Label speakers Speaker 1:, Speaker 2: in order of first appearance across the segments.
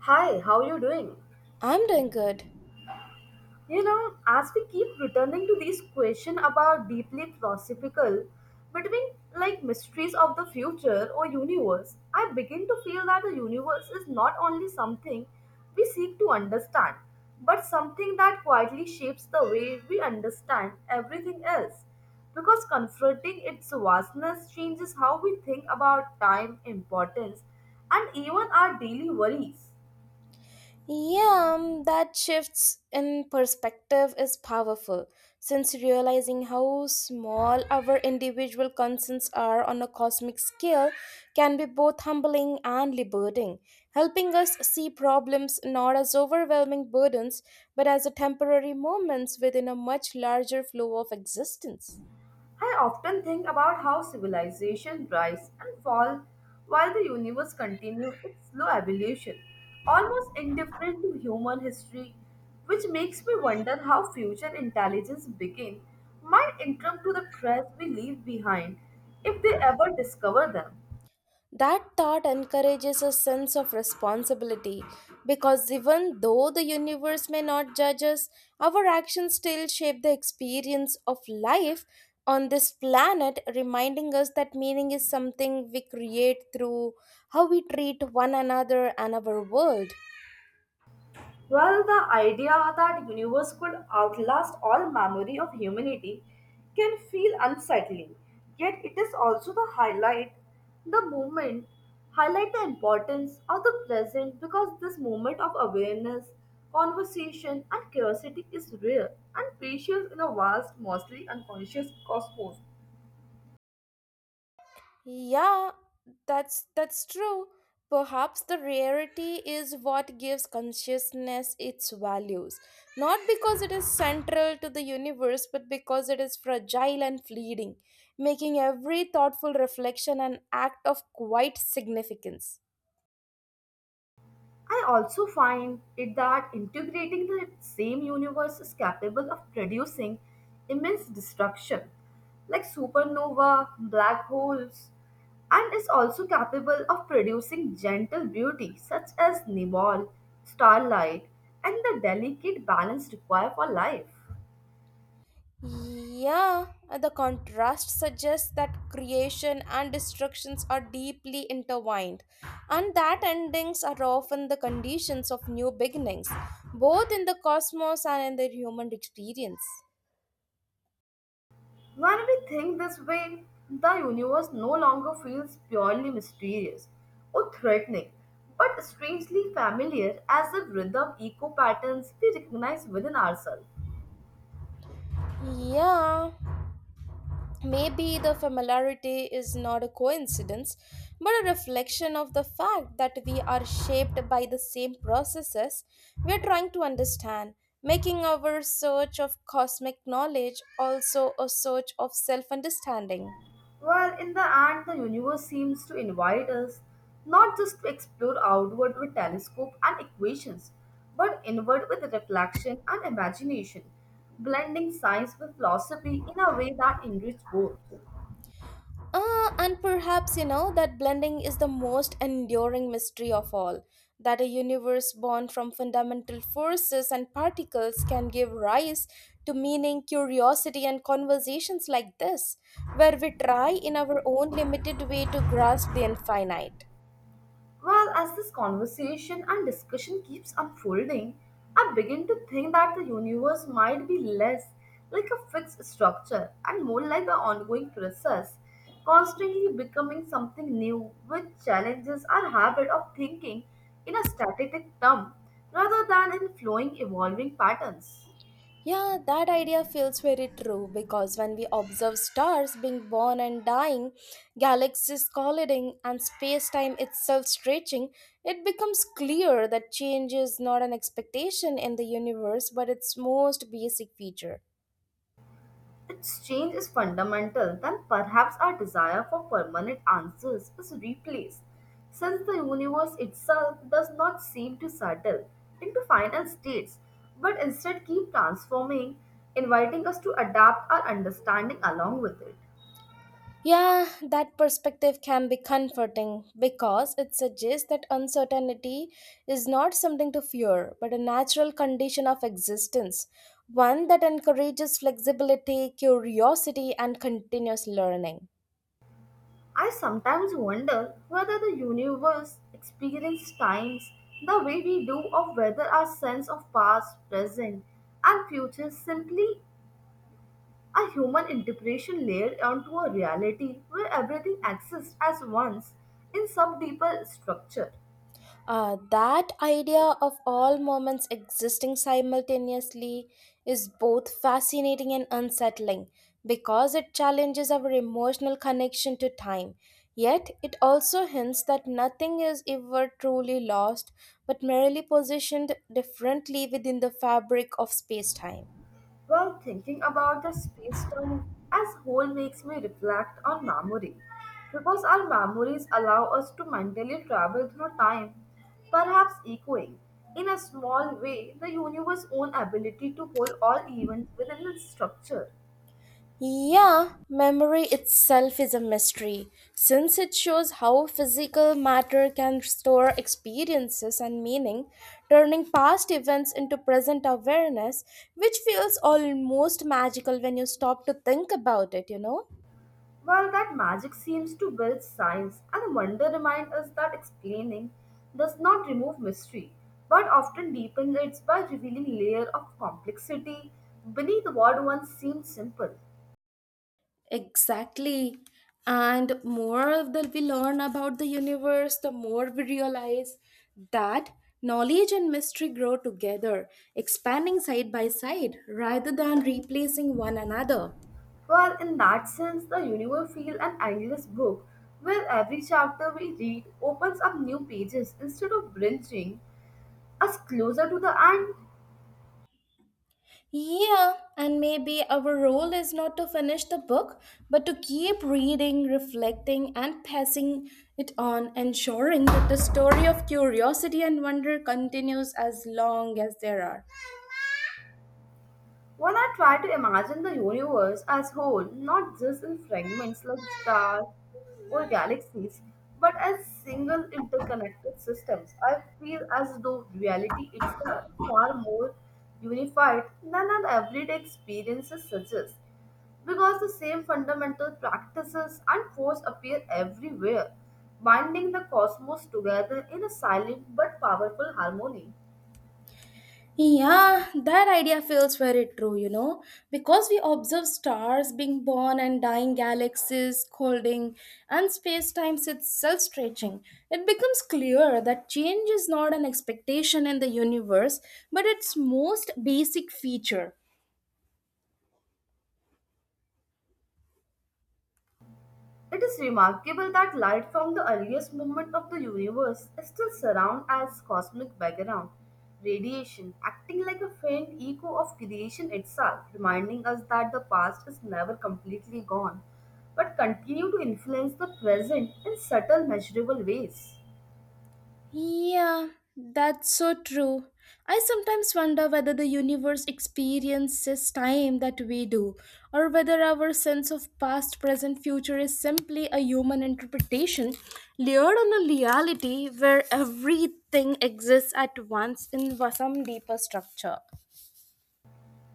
Speaker 1: Hi, how are you doing?
Speaker 2: I'm doing good.
Speaker 1: You know, as we keep returning to these questions about deeply philosophical, between like mysteries of the future or universe, I begin to feel that the universe is not only something we seek to understand, but something that quietly shapes the way we understand everything else. Because confronting its vastness changes how we think about time, importance, and even our daily worries.
Speaker 2: Yeah, that shifts in perspective is powerful since realizing how small our individual concerns are on a cosmic scale can be both humbling and liberating, helping us see problems not as overwhelming burdens but as a temporary moments within a much larger flow of existence.
Speaker 1: I often think about how civilization rise and fall while the universe continues its slow evolution, almost indifferent to human history, which makes me wonder how future intelligence begin might interrupt to the trails we leave behind if they ever discover them.
Speaker 2: That thought encourages a sense of responsibility because even though the universe may not judge us, our actions still shape the experience of life on this planet, reminding us that meaning is something we create through how we treat one another and our world.
Speaker 1: Well, the idea that universe could outlast all memory of humanity can feel unsettling, yet it is also the highlight, the moment, highlight the importance of the present because this moment of awareness, conversation and curiosity is rare and precious in a vast, mostly unconscious cosmos.
Speaker 2: Yeah, that's true. Perhaps the rarity is what gives consciousness its values, not because it is central to the universe, but because it is fragile and fleeting, making every thoughtful reflection an act of quite significance.
Speaker 1: I also find it that integrating the same universe is capable of producing immense destruction, like supernova, black holes, and is also capable of producing gentle beauty such as nebul, starlight, and the delicate balance required for life.
Speaker 2: Yeah, the contrast suggests that creation and destructions are deeply intertwined, and that endings are often the conditions of new beginnings, both in the cosmos and in the human experience.
Speaker 1: When we think this way, the universe no longer feels purely mysterious or threatening, but strangely familiar as if rhythm echo patterns we recognize within ourselves.
Speaker 2: Yeah, maybe the familiarity is not a coincidence, but a reflection of the fact that we are shaped by the same processes we are trying to understand, making our search of cosmic knowledge also a search of self understanding.
Speaker 1: Well, in the end, the universe seems to invite us not just to explore outward with telescope and equations, but inward with reflection and imagination, blending science with philosophy in a way that enriches both.
Speaker 2: And perhaps you know that blending is the most enduring mystery of all. That a universe born from fundamental forces and particles can give rise to meaning, curiosity, and conversations like this, where we try in our own limited way to grasp the infinite.
Speaker 1: Well, as this conversation and discussion keeps unfolding, I begin to think that the universe might be less like a fixed structure and more like an ongoing process, constantly becoming something new, which challenges our habit of thinking in a static term rather than in flowing, evolving patterns.
Speaker 2: Yeah, that idea feels very true because when we observe stars being born and dying, galaxies colliding, and space time itself stretching, it becomes clear that change is not an expectation in the universe but its most basic feature.
Speaker 1: Its change is fundamental, then perhaps our desire for permanent answers is replaced, since the universe itself does not seem to settle into final states, but instead keep transforming, inviting us to adapt our understanding along with it.
Speaker 2: Yeah, that perspective can be comforting because it suggests that uncertainty is not something to fear, but a natural condition of existence, one that encourages flexibility, curiosity, and continuous learning.
Speaker 1: I sometimes wonder whether the universe experiences times the way we do, or whether our sense of past, present, and future simply a human interpretation layered onto a reality where everything exists as once in some deeper structure.
Speaker 2: That idea of all moments existing simultaneously is both fascinating and unsettling because it challenges our emotional connection to time. Yet, it also hints that nothing is ever truly lost but merely positioned differently within the fabric of space time.
Speaker 1: While thinking about the space time as whole makes me reflect on memory, because our memories allow us to mentally travel through time, perhaps echoing, in a small way, the universe's own ability to hold all events within its structure.
Speaker 2: Yeah, memory itself is a mystery since it shows how physical matter can store experiences and meaning, turning past events into present awareness, which feels almost magical when you stop to think about it, you know?
Speaker 1: Well, that magic seems to build science, and the wonder reminds us that explaining does not remove mystery, but often deepens it by revealing layer of complexity beneath what once seemed simple.
Speaker 2: Exactly. And more that we learn about the universe, the more we realize that knowledge and mystery grow together, expanding side by side rather than replacing one another.
Speaker 1: Well, in that sense, the universe feels an endless book, where every chapter we read opens up new pages instead of bringing us closer to the end.
Speaker 2: Yeah, and maybe our role is not to finish the book, but to keep reading, reflecting, and passing it on, ensuring that the story of curiosity and wonder continues as long as there are.
Speaker 1: When I try to imagine the universe as whole, not just in fragments like stars or galaxies, but as single interconnected systems, I feel as though reality is a far more unified than our everyday experiences suggest, because the same fundamental practices and force appear everywhere, binding the cosmos together in a silent but powerful harmony.
Speaker 2: Yeah, that idea feels very true, because we observe stars being born and dying, galaxies colding, and space time itself stretching. It becomes clear that change is not an expectation in the universe, but its most basic feature.
Speaker 1: It is remarkable that light from the earliest moment of the universe is still surround as cosmic background radiation, acting like a faint echo of creation itself, reminding us that the past is never completely gone, but continue to influence the present in subtle measurable ways.
Speaker 2: Yeah, that's so true. I sometimes wonder whether the universe experiences time that we do, or whether our sense of past, present, future is simply a human interpretation layered on a reality where everything exists at once in some deeper structure.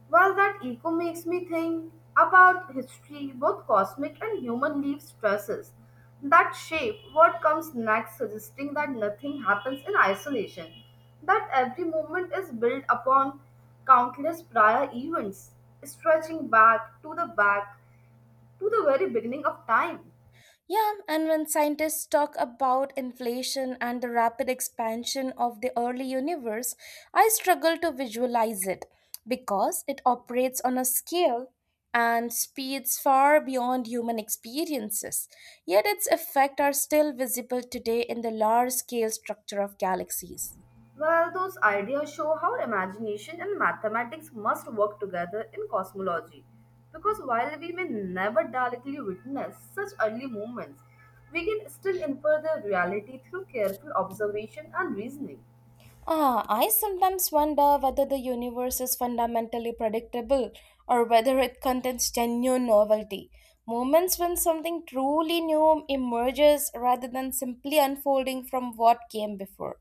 Speaker 1: Well, that echo makes me think about history, both cosmic and human leaf stresses that shape what comes next, suggesting that nothing happens in isolation, that every moment is built upon countless prior events, stretching back to the very beginning of time.
Speaker 2: Yeah, and when scientists talk about inflation and the rapid expansion of the early universe, I struggle to visualize it because it operates on a scale and speeds far beyond human experiences. Yet its effects are still visible today in the large scale structure of galaxies.
Speaker 1: Well, those ideas show how imagination and mathematics must work together in cosmology. Because while we may never directly witness such early movements, we can still infer their reality through careful observation and reasoning.
Speaker 2: I sometimes wonder whether the universe is fundamentally predictable or whether it contains genuine novelty. Moments when something truly new emerges rather than simply unfolding from what came before.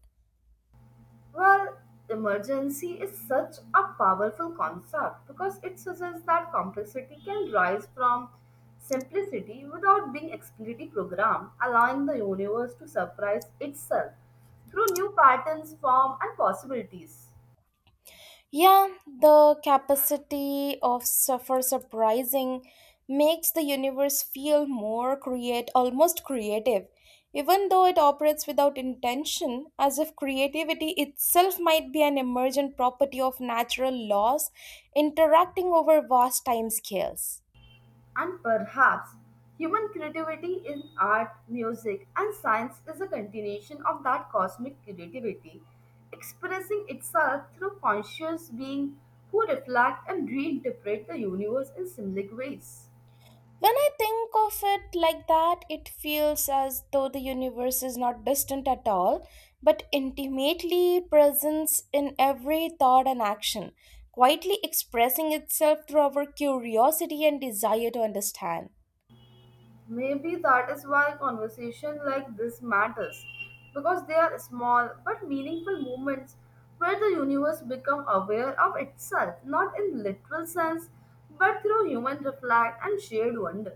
Speaker 1: Well, emergency is such a powerful concept because it suggests that complexity can rise from simplicity without being explicitly programmed, allowing the universe to surprise itself through new patterns, form, and possibilities.
Speaker 2: Yeah, the capacity of suffer surprising makes the universe feel more create almost creative, even though it operates without intention, as if creativity itself might be an emergent property of natural laws interacting over vast time scales.
Speaker 1: And perhaps human creativity in art, music, and science is a continuation of that cosmic creativity, expressing itself through conscious beings who reflect and reinterpret the universe in symbolic ways.
Speaker 2: When I think of it like that, it feels as though the universe is not distant at all, but intimately present in every thought and action, quietly expressing itself through our curiosity and desire to understand.
Speaker 1: Maybe that is why conversation like this matters, because they are small but meaningful moments where the universe becomes aware of itself, not in literal sense, but through human reflect and shared wonder.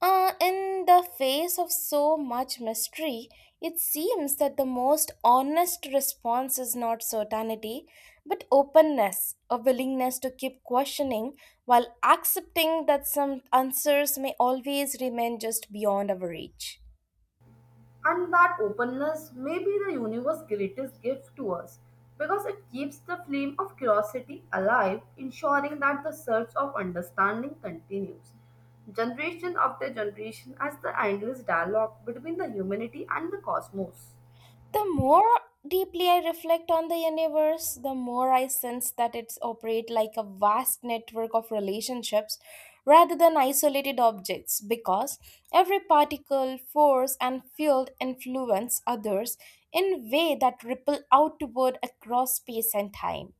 Speaker 2: In the face of so much mystery, it seems that the most honest response is not certainty, but openness, a willingness to keep questioning while accepting that some answers may always remain just beyond our reach.
Speaker 1: And that openness may be the universe's greatest gift to us because it keeps the flame of curiosity alive, ensuring that the search of understanding continues, generation after generation, as the endless dialogue between the humanity and the cosmos.
Speaker 2: The more deeply I reflect on the universe, the more I sense that it's operate like a vast network of relationships rather than isolated objects because every particle, force and field influence others in way that ripple outward across space and time.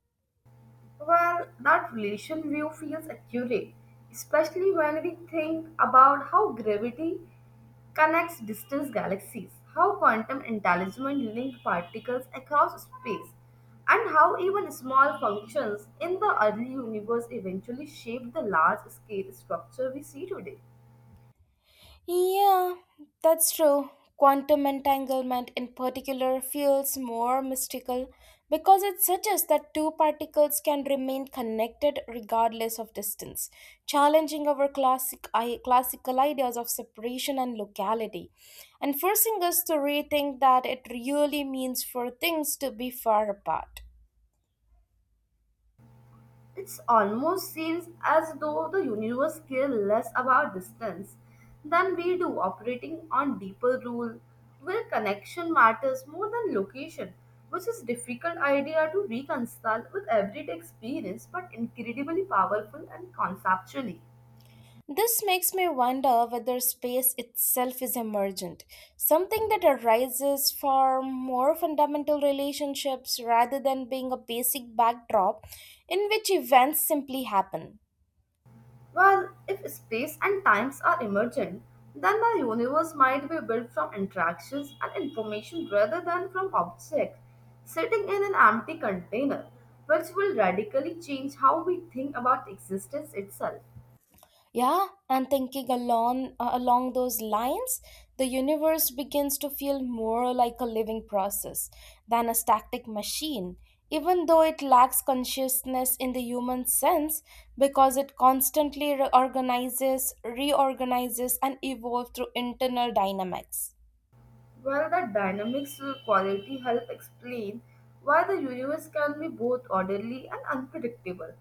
Speaker 1: Well, that relation view feels accurate, especially when we think about how gravity connects distant galaxies, how quantum entanglement links particles across space, and how even small functions in the early universe eventually shaped the large scale structure we see today.
Speaker 2: Yeah, that's true. Quantum entanglement, in particular, feels more mystical because it suggests that two particles can remain connected regardless of distance, challenging our classical ideas of separation and locality, and forcing us to rethink that it really means for things to be far apart.
Speaker 1: It almost seems as though the universe cares less about distance than we do, operating on deeper rule where connection matters more than location, which is difficult idea to reconcile with everyday experience but incredibly powerful and conceptually.
Speaker 2: This makes me wonder whether space itself is emergent, something that arises from more fundamental relationships rather than being a basic backdrop in which events simply happen.
Speaker 1: Well, if space and times are emergent, then the universe might be built from interactions and information rather than from objects sitting in an empty container, which will radically change how we think about existence itself.
Speaker 2: Yeah, and thinking along those lines, the universe begins to feel more like a living process than a static machine, even though it lacks consciousness in the human sense because it constantly reorganizes, and evolves through internal dynamics.
Speaker 1: Well, that dynamics quality help explain why the universe can be both orderly and unpredictable,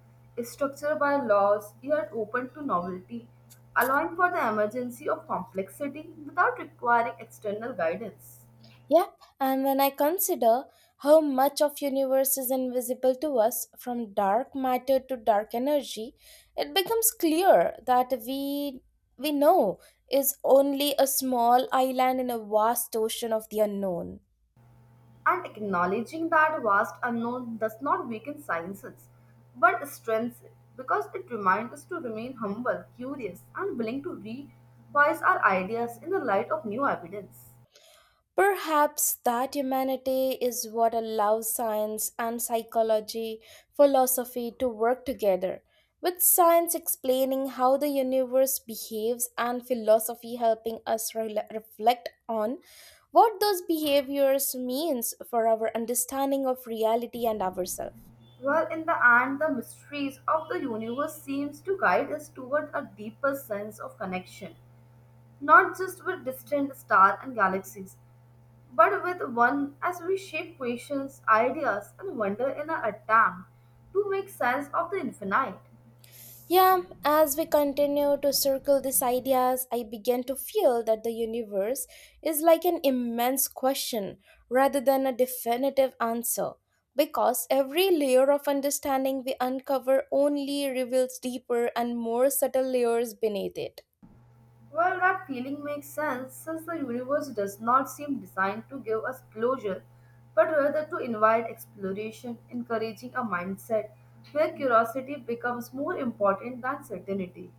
Speaker 1: structured by laws yet open to novelty, allowing for the emergency of complexity without requiring external guidance,
Speaker 2: Yep, and when I consider how much of universe is invisible to us from dark matter to dark energy, it becomes clear that we know is only a small island in a vast ocean of the unknown.
Speaker 1: and acknowledging that vast unknown does not weaken sciences, but strengthens it because it reminds us to remain humble, curious, and willing to revise our ideas in the light of new evidence.
Speaker 2: Perhaps that humanity is what allows science and psychology, philosophy to work together, with science explaining how the universe behaves and philosophy helping us reflect on what those behaviors means for our understanding of reality and ourselves.
Speaker 1: Well, in the end, the mysteries of the universe seems to guide us toward a deeper sense of connection, not just with distant stars and galaxies, but with one as we shape questions, ideas, and wonder in our attempt to make sense of the infinite.
Speaker 2: Yeah, as we continue to circle these ideas, I begin to feel that the universe is like an immense question rather than a definitive answer. Because every layer of understanding we uncover only reveals deeper and more subtle layers beneath it.
Speaker 1: Well, that feeling makes sense since the universe does not seem designed to give us closure, but rather to invite exploration, encouraging a mindset where curiosity becomes more important than certainty.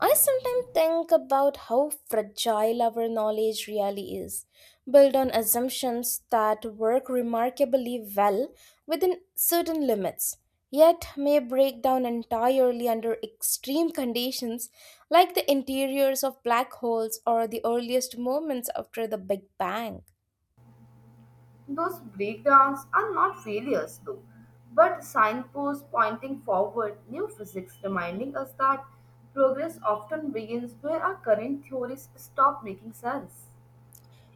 Speaker 2: I sometimes think about how fragile our knowledge really is, built on assumptions that work remarkably well within certain limits, yet may break down entirely under extreme conditions like the interiors of black holes or the earliest moments after the Big Bang.
Speaker 1: Those breakdowns are not failures, though, but signposts pointing forward, new physics reminding us that progress often begins where our current theories stop making sense.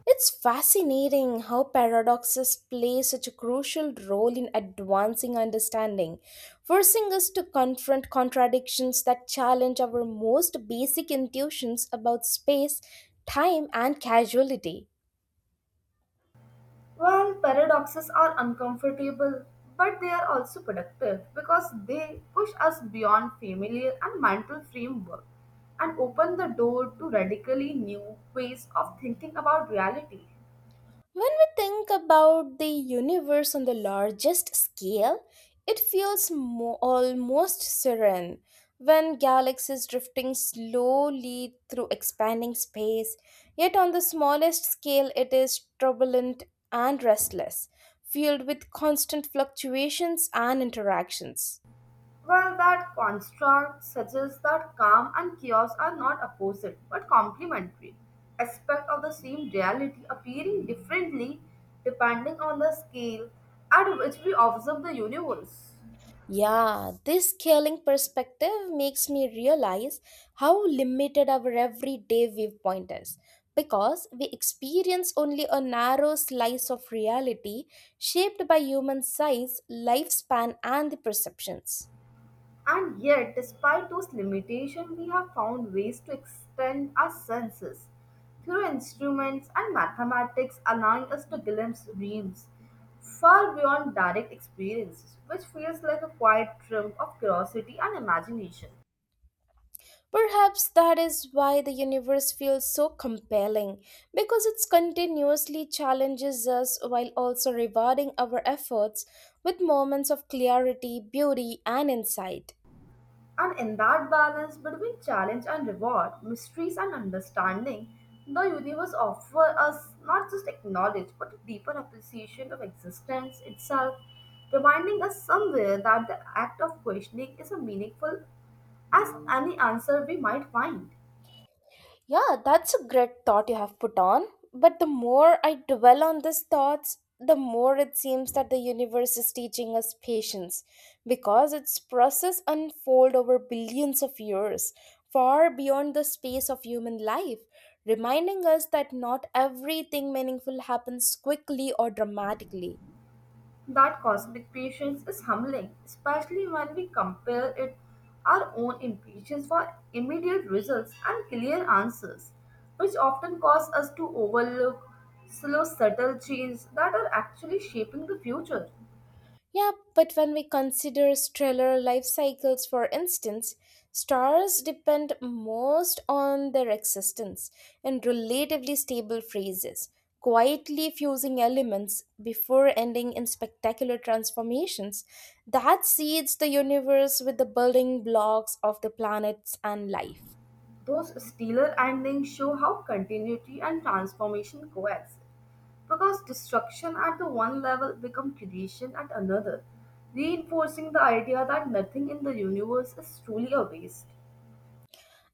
Speaker 2: It's fascinating how paradoxes play such a crucial role in advancing understanding, forcing us to confront contradictions that challenge our most basic intuitions about space, time, and causality.
Speaker 1: Well, paradoxes are uncomfortable, but they are also productive because they push us beyond familiar and mental framework and open the door to radically new ways of thinking about reality.
Speaker 2: When we think about the universe on the largest scale, it feels almost serene. When galaxies drifting slowly through expanding space, yet on the smallest scale, it is turbulent and restless, filled with constant fluctuations and interactions.
Speaker 1: Well, that construct suggests that calm and chaos are not opposite but complementary aspects of the same reality appearing differently depending on the scale at which we observe the universe.
Speaker 2: Yeah, this scaling perspective makes me realize how limited our everyday viewpoint is. Because we experience only a narrow slice of reality shaped by human size, lifespan, and the perceptions.
Speaker 1: And yet, despite those limitations, we have found ways to extend our senses through instruments and mathematics, allowing us to glimpse realms far beyond direct experiences, which feels like a quiet triumph of curiosity and imagination.
Speaker 2: Perhaps that is why the universe feels so compelling, because it continuously challenges us while also rewarding our efforts with moments of clarity, beauty, and insight.
Speaker 1: And in that balance between challenge and reward, mysteries and understanding, the universe offers us not just knowledge but a deeper appreciation of existence itself, reminding us somewhere that the act of questioning is as meaningful as any answer we might find.
Speaker 2: Yeah, that's a great thought you have put on. But the more I dwell on these thoughts, the more it seems that the universe is teaching us patience because its process unfold over billions of years, far beyond the space of human life, reminding us that not everything meaningful happens quickly or dramatically.
Speaker 1: That cosmic patience is humbling, especially when we compare it our own impatience for immediate results and clear answers, which often cause us to overlook slow, subtle changes that are actually shaping the future.
Speaker 2: Yeah, but when we consider stellar life cycles, for instance, stars depend most on their existence in relatively stable phases, quietly fusing elements before ending in spectacular transformations that seeds the universe with the building blocks of the planets and life.
Speaker 1: Those stellar endings show how continuity and transformation coexist, because destruction at the one level becomes creation at another, reinforcing the idea that nothing in the universe is truly a waste.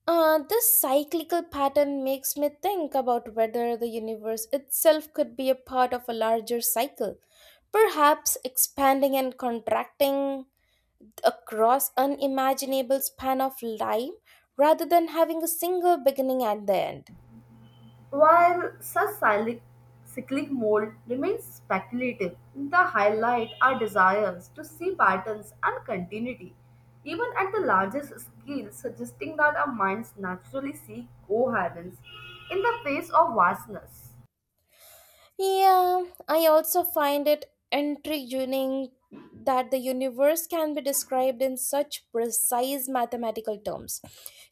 Speaker 2: This cyclical pattern makes me think about whether the universe itself could be a part of a larger cycle, perhaps expanding and contracting across unimaginable span of time rather than having a single beginning and the end.
Speaker 1: While such cyclic mold remains speculative, the highlight our desires to see patterns and continuity, even at the largest scale, suggesting that our minds naturally seek coherence in the face of vastness.
Speaker 2: Yeah, I also find it intriguing that the universe can be described in such precise mathematical terms,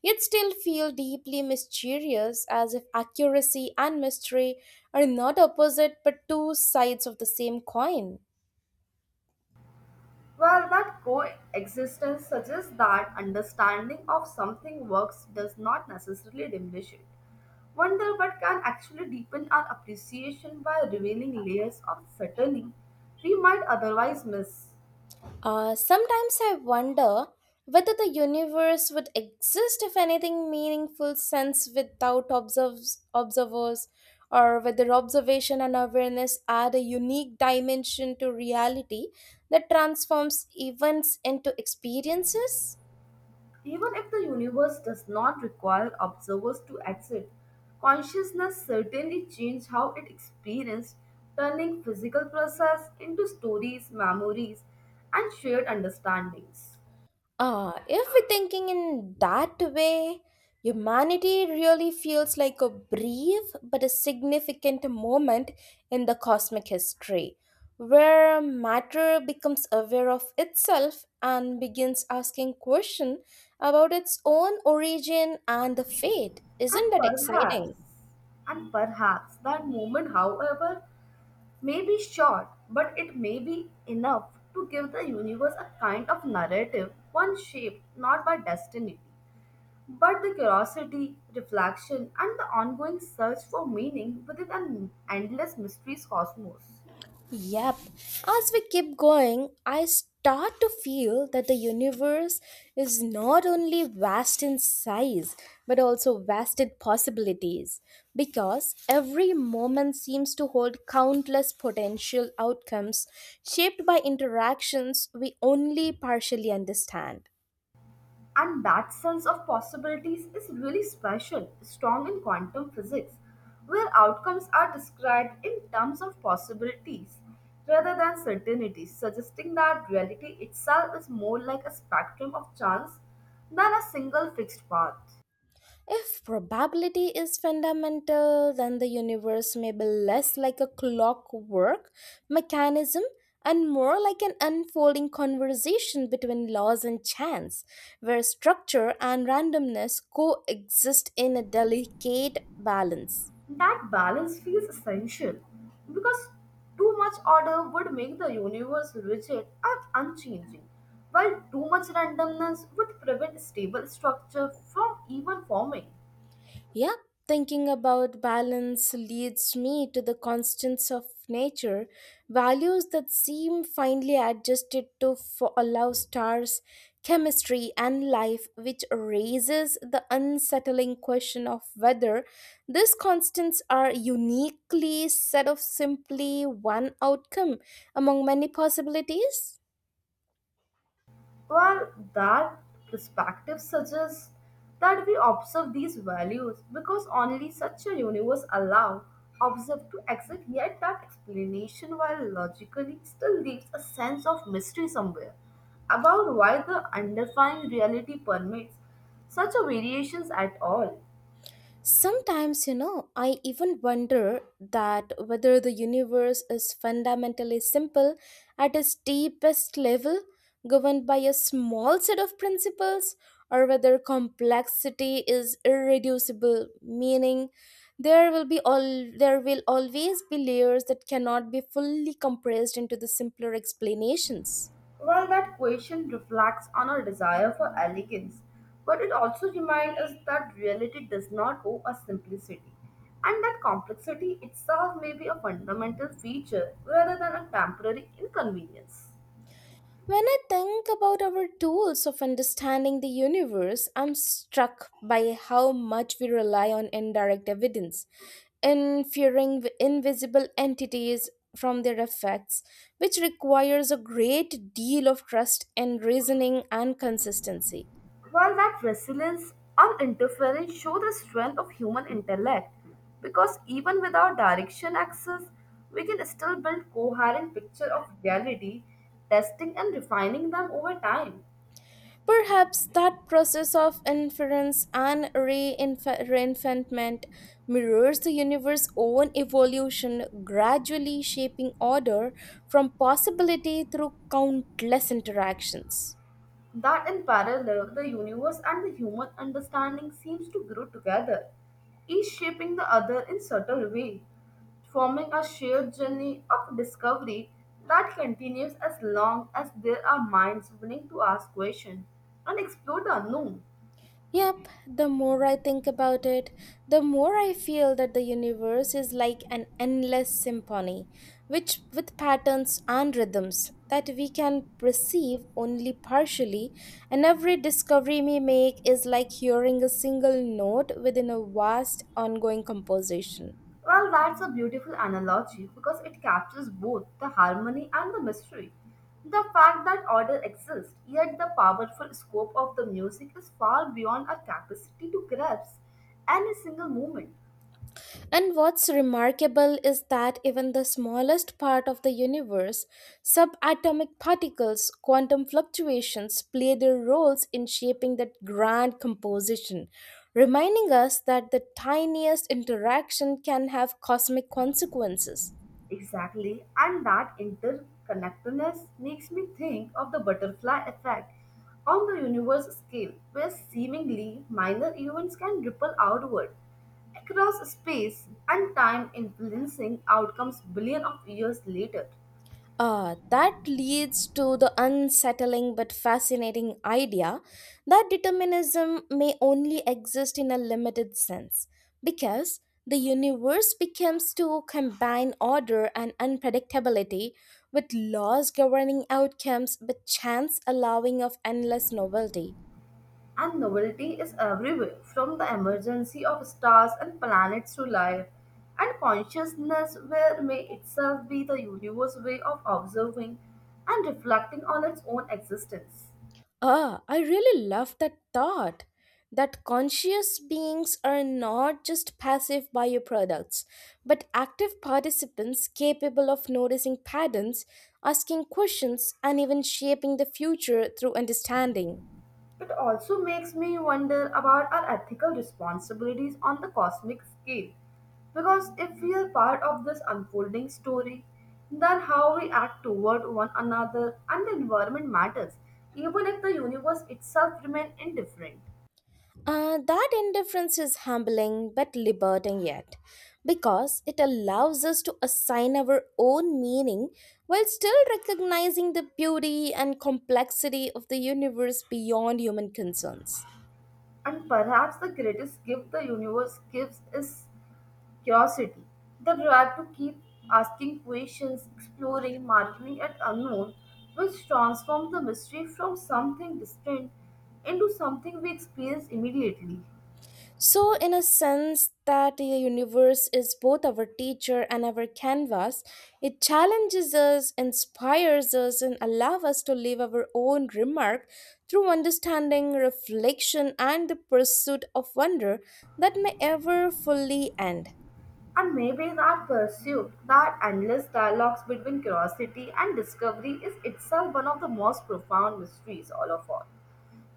Speaker 2: yet still feel deeply mysterious as if accuracy and mystery are not opposite but two sides of the same coin.
Speaker 1: Well, that coexistence suggests that understanding of something works does not necessarily diminish it. Wonder what can actually deepen our appreciation by revealing layers of subtlety we might otherwise miss.
Speaker 2: Sometimes I wonder whether the universe would exist if anything meaningful sense without observers, or whether observation and awareness add a unique dimension to reality that transforms events into experiences.
Speaker 1: Even if the universe does not require observers to exist, consciousness certainly changes how it experiences, turning physical process into stories, memories, and shared understandings.
Speaker 2: If we're thinking in that way, humanity really feels like a brief but a significant moment in the cosmic history, where matter becomes aware of itself and begins asking questions about its own origin and the fate. Isn't
Speaker 1: And
Speaker 2: that
Speaker 1: perhaps,
Speaker 2: exciting?
Speaker 1: and perhaps that moment, however, may be short, but it may be enough to give the universe a kind of narrative, one shaped not by destiny, but the curiosity, reflection, and the ongoing search for meaning within an endless mysteries cosmos.
Speaker 2: Yep. As we keep going, I start to feel that the universe is not only vast in size, but also vast in possibilities. Because every moment seems to hold countless potential outcomes shaped by interactions we only partially understand.
Speaker 1: And that sense of possibilities is really special, strong in quantum physics, where outcomes are described in terms of possibilities rather than certainties, suggesting that reality itself is more like a spectrum of chance than a single fixed path.
Speaker 2: If probability is fundamental, then the universe may be less like a clockwork mechanism and more like an unfolding conversation between laws and chance, where structure and randomness coexist in a delicate balance.
Speaker 1: That balance feels essential because too much order would make the universe rigid and unchanging, while too much randomness would prevent stable structure from even forming.
Speaker 2: Yeah, thinking about balance leads me to the constants of nature, values that seem finely adjusted to allow stars, chemistry, and life, which raises the unsettling question of whether these constants are uniquely set of simply one outcome among many possibilities.
Speaker 1: Well, that perspective suggests that we observe these values because only such a universe allow observe to exist, yet that explanation, while logically, still leaves a sense of mystery somewhere about why the underlying reality permits such a variations at all.
Speaker 2: Sometimes, you know, I even wonder that whether the universe is fundamentally simple at its deepest level, governed by a small set of principles, or whether complexity is irreducible, meaning there will always be layers that cannot be fully compressed into the simpler explanations.
Speaker 1: Well, that question reflects on our desire for elegance, but it also reminds us that reality does not owe us simplicity, and that complexity itself may be a fundamental feature rather than a temporary inconvenience.
Speaker 2: When I think about our tools of understanding the universe, I'm struck by how much we rely on indirect evidence, inferring invisible entities from their effects, which requires a great deal of trust in reasoning and consistency.
Speaker 1: While that resilience and interference show the strength of human intellect, because even without direction access, we can still build coherent picture of reality, testing and refining them over time.
Speaker 2: Perhaps that process of inference and reinfantment mirrors the universe's own evolution, gradually shaping order from possibility through countless interactions.
Speaker 1: That in parallel the universe and the human understanding seems to grow together, each shaping the other in subtle way, forming a shared journey of discovery that continues as long as there are minds willing to ask questions and explore the unknown.
Speaker 2: Yep, the more I think about it, the more I feel that the universe is like an endless symphony, which with patterns and rhythms that we can perceive only partially, and every discovery we make is like hearing a single note within a vast ongoing composition.
Speaker 1: Well, that's a beautiful analogy because it captures both the harmony and the mystery. The fact that order exists, yet the powerful scope of the music is far beyond our capacity to grasp any single moment.
Speaker 2: And what's remarkable is that even the smallest part of the universe, subatomic particles, quantum fluctuations play their roles in shaping that grand composition, reminding us that the tiniest interaction can have cosmic consequences.
Speaker 1: Exactly, and that interconnectedness makes me think of the butterfly effect on the universe scale, where seemingly minor events can ripple outward across space and time, influencing outcomes billion of years later.
Speaker 2: That leads to the unsettling but fascinating idea that determinism may only exist in a limited sense, because the universe becomes to combine order and unpredictability with laws governing outcomes but chance allowing of endless novelty.
Speaker 1: And novelty is everywhere, from the emergency of stars and planets to life and consciousness, where may itself be the universe's way of observing and reflecting on its own existence.
Speaker 2: I really love that thought that conscious beings are not just passive bioproducts, but active participants capable of noticing patterns, asking questions, and even shaping the future through understanding.
Speaker 1: It also makes me wonder about our ethical responsibilities on the cosmic scale. Because if we are part of this unfolding story, then how we act toward one another and the environment matters, even if the universe itself remains indifferent.
Speaker 2: That indifference is humbling but liberating yet, because it allows us to assign our own meaning while still recognizing the beauty and complexity of the universe beyond human concerns.
Speaker 1: And perhaps the greatest gift the universe gives is curiosity, the drive to keep asking questions, exploring, marveling at unknown, which transforms the mystery from something distant into something we experience immediately.
Speaker 2: So, in a sense, that the universe is both our teacher and our canvas, it challenges us, inspires us, and allows us to leave our own remark through understanding, reflection, and the pursuit of wonder that may ever fully end.
Speaker 1: And maybe that pursuit, that endless dialogues between curiosity and discovery, is itself one of the most profound mysteries all of all.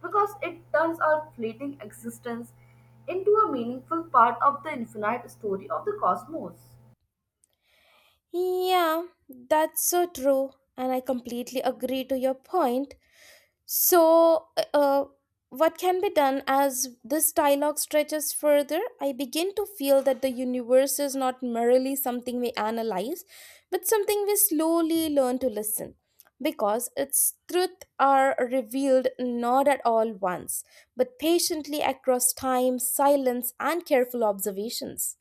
Speaker 1: Because it turns our fleeting existence into a meaningful part of the infinite story of the cosmos.
Speaker 2: Yeah, that's so true, and I completely agree to your point. So, what can be done as this dialogue stretches further? I begin to feel that the universe is not merely something we analyze, but something we slowly learn to listen. Because its truth are revealed not at all once, but patiently across time, silence, and careful observations.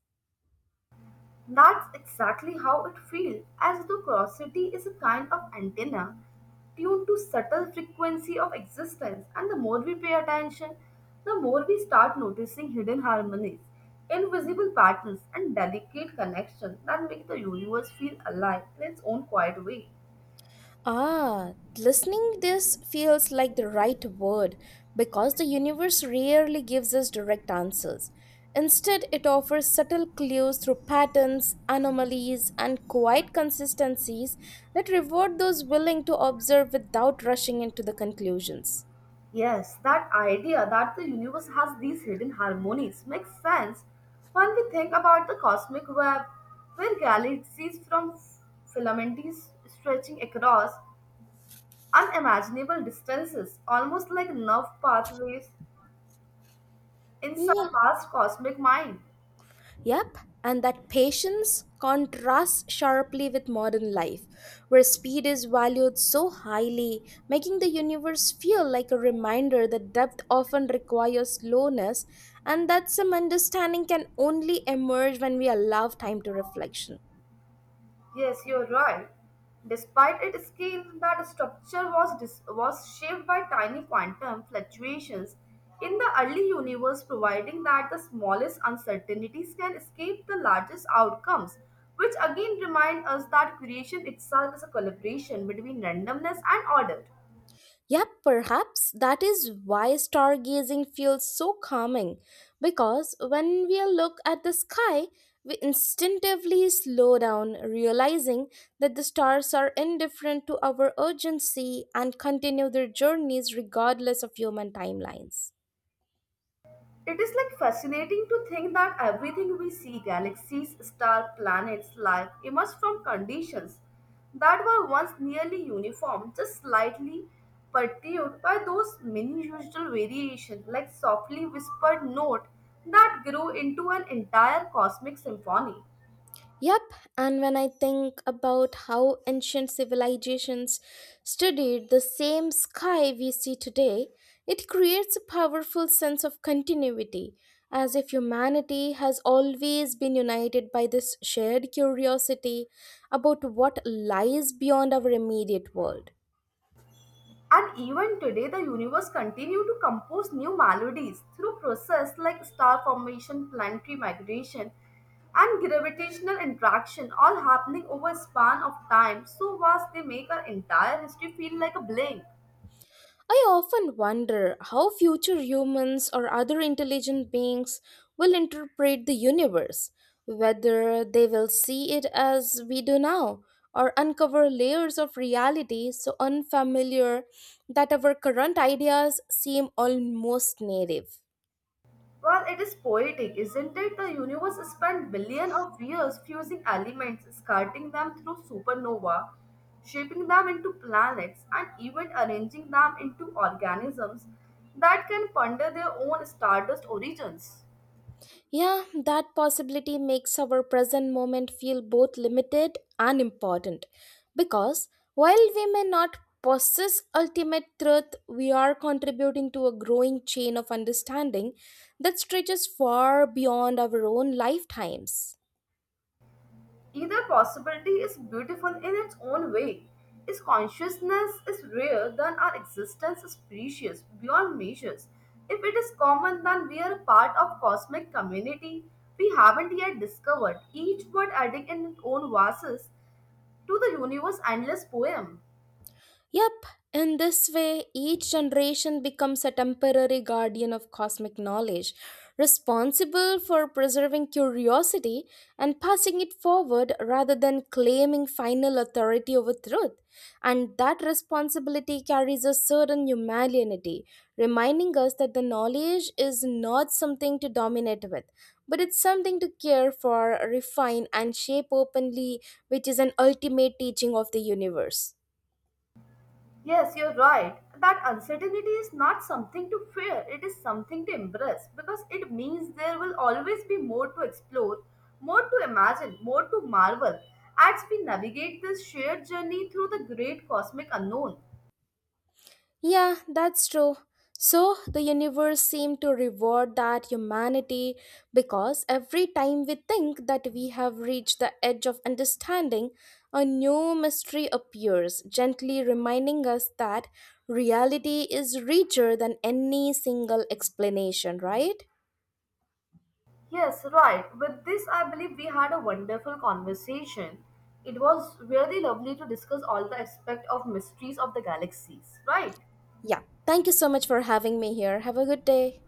Speaker 1: That's exactly how it feels, as though curiosity is a kind of antenna tuned to subtle frequency of existence. And the more we pay attention, the more we start noticing hidden harmonies, invisible patterns, and delicate connections that make the universe feel alive in its own quiet way.
Speaker 2: Listening this feels like the right word because the universe rarely gives us direct answers. Instead, it offers subtle clues through patterns, anomalies, and quiet consistencies that reward those willing to observe without rushing into the conclusions.
Speaker 1: Yes, that idea that the universe has these hidden harmonies makes sense when we think about the cosmic web, where galaxies from filaments stretching across unimaginable distances, almost like nerve pathways in some
Speaker 2: Yeah.
Speaker 1: vast cosmic mind.
Speaker 2: Yep, and that patience contrasts sharply with modern life, where speed is valued so highly, making the universe feel like a reminder that depth often requires slowness and that some understanding can only emerge when we allow time to reflection.
Speaker 1: Yes, you're right. Despite its scale, that structure was shaped by tiny quantum fluctuations in the early universe, providing that the smallest uncertainties can escape the largest outcomes, which again remind us that creation itself is a collaboration between randomness and order.
Speaker 2: Yeah, perhaps that is why stargazing feels so calming. Because when we look at the sky, we instinctively slow down, realizing that the stars are indifferent to our urgency and continue their journeys regardless of human timelines.
Speaker 1: It is like fascinating to think that everything we see galaxies, stars, planets, life emerged from conditions that were once nearly uniform, just slightly perturbed by those minuscule variations, like softly whispered note that grew into an entire cosmic symphony.
Speaker 2: Yep, and when I think about how ancient civilizations studied the same sky we see today, it creates a powerful sense of continuity, as if humanity has always been united by this shared curiosity about what lies beyond our immediate world.
Speaker 1: And even today, the universe continue to compose new melodies through process like star formation, planetary migration, and gravitational interaction, all happening over a span of time so vast they make our entire history feel like a blink.
Speaker 2: I often wonder how future humans or other intelligent beings will interpret the universe, whether they will see it as we do now, or uncover layers of reality so unfamiliar that our current ideas seem almost native.
Speaker 1: Well, it is poetic, isn't it? The universe spent billions of years fusing elements, scattering them through supernova, shaping them into planets, and even arranging them into organisms that can ponder their own stardust origins.
Speaker 2: Yeah, that possibility makes our present moment feel both limited and important. Because while we may not possess ultimate truth, we are contributing to a growing chain of understanding that stretches far beyond our own lifetimes.
Speaker 1: Either possibility is beautiful in its own way. Its consciousness is rare, then our existence is precious beyond measures. If it is common, then we are a part of cosmic community we haven't yet discovered, each word adding in its own verses to the universe's endless poem.
Speaker 2: Yep, in this way, each generation becomes a temporary guardian of cosmic knowledge, responsible for preserving curiosity and passing it forward rather than claiming final authority over truth. And that responsibility carries a certain humanity, reminding us that the knowledge is not something to dominate with, but it's something to care for, refine, and shape openly, which is an ultimate teaching of the universe.
Speaker 1: Yes, you're right. That uncertainty is not something to fear, it is something to embrace because it means there will always be more to explore, more to imagine, more to marvel as we navigate this shared journey through the great cosmic unknown.
Speaker 2: Yeah, that's true. So, the universe seemed to reward that humanity because every time we think that we have reached the edge of understanding, a new mystery appears, gently reminding us that reality is richer than any single explanation, right?
Speaker 1: Yes, right. With this, I believe we had a wonderful conversation. It was really lovely to discuss all the aspects of mysteries of the galaxies, right?
Speaker 2: Yeah. Thank you so much for having me here. Have a good day.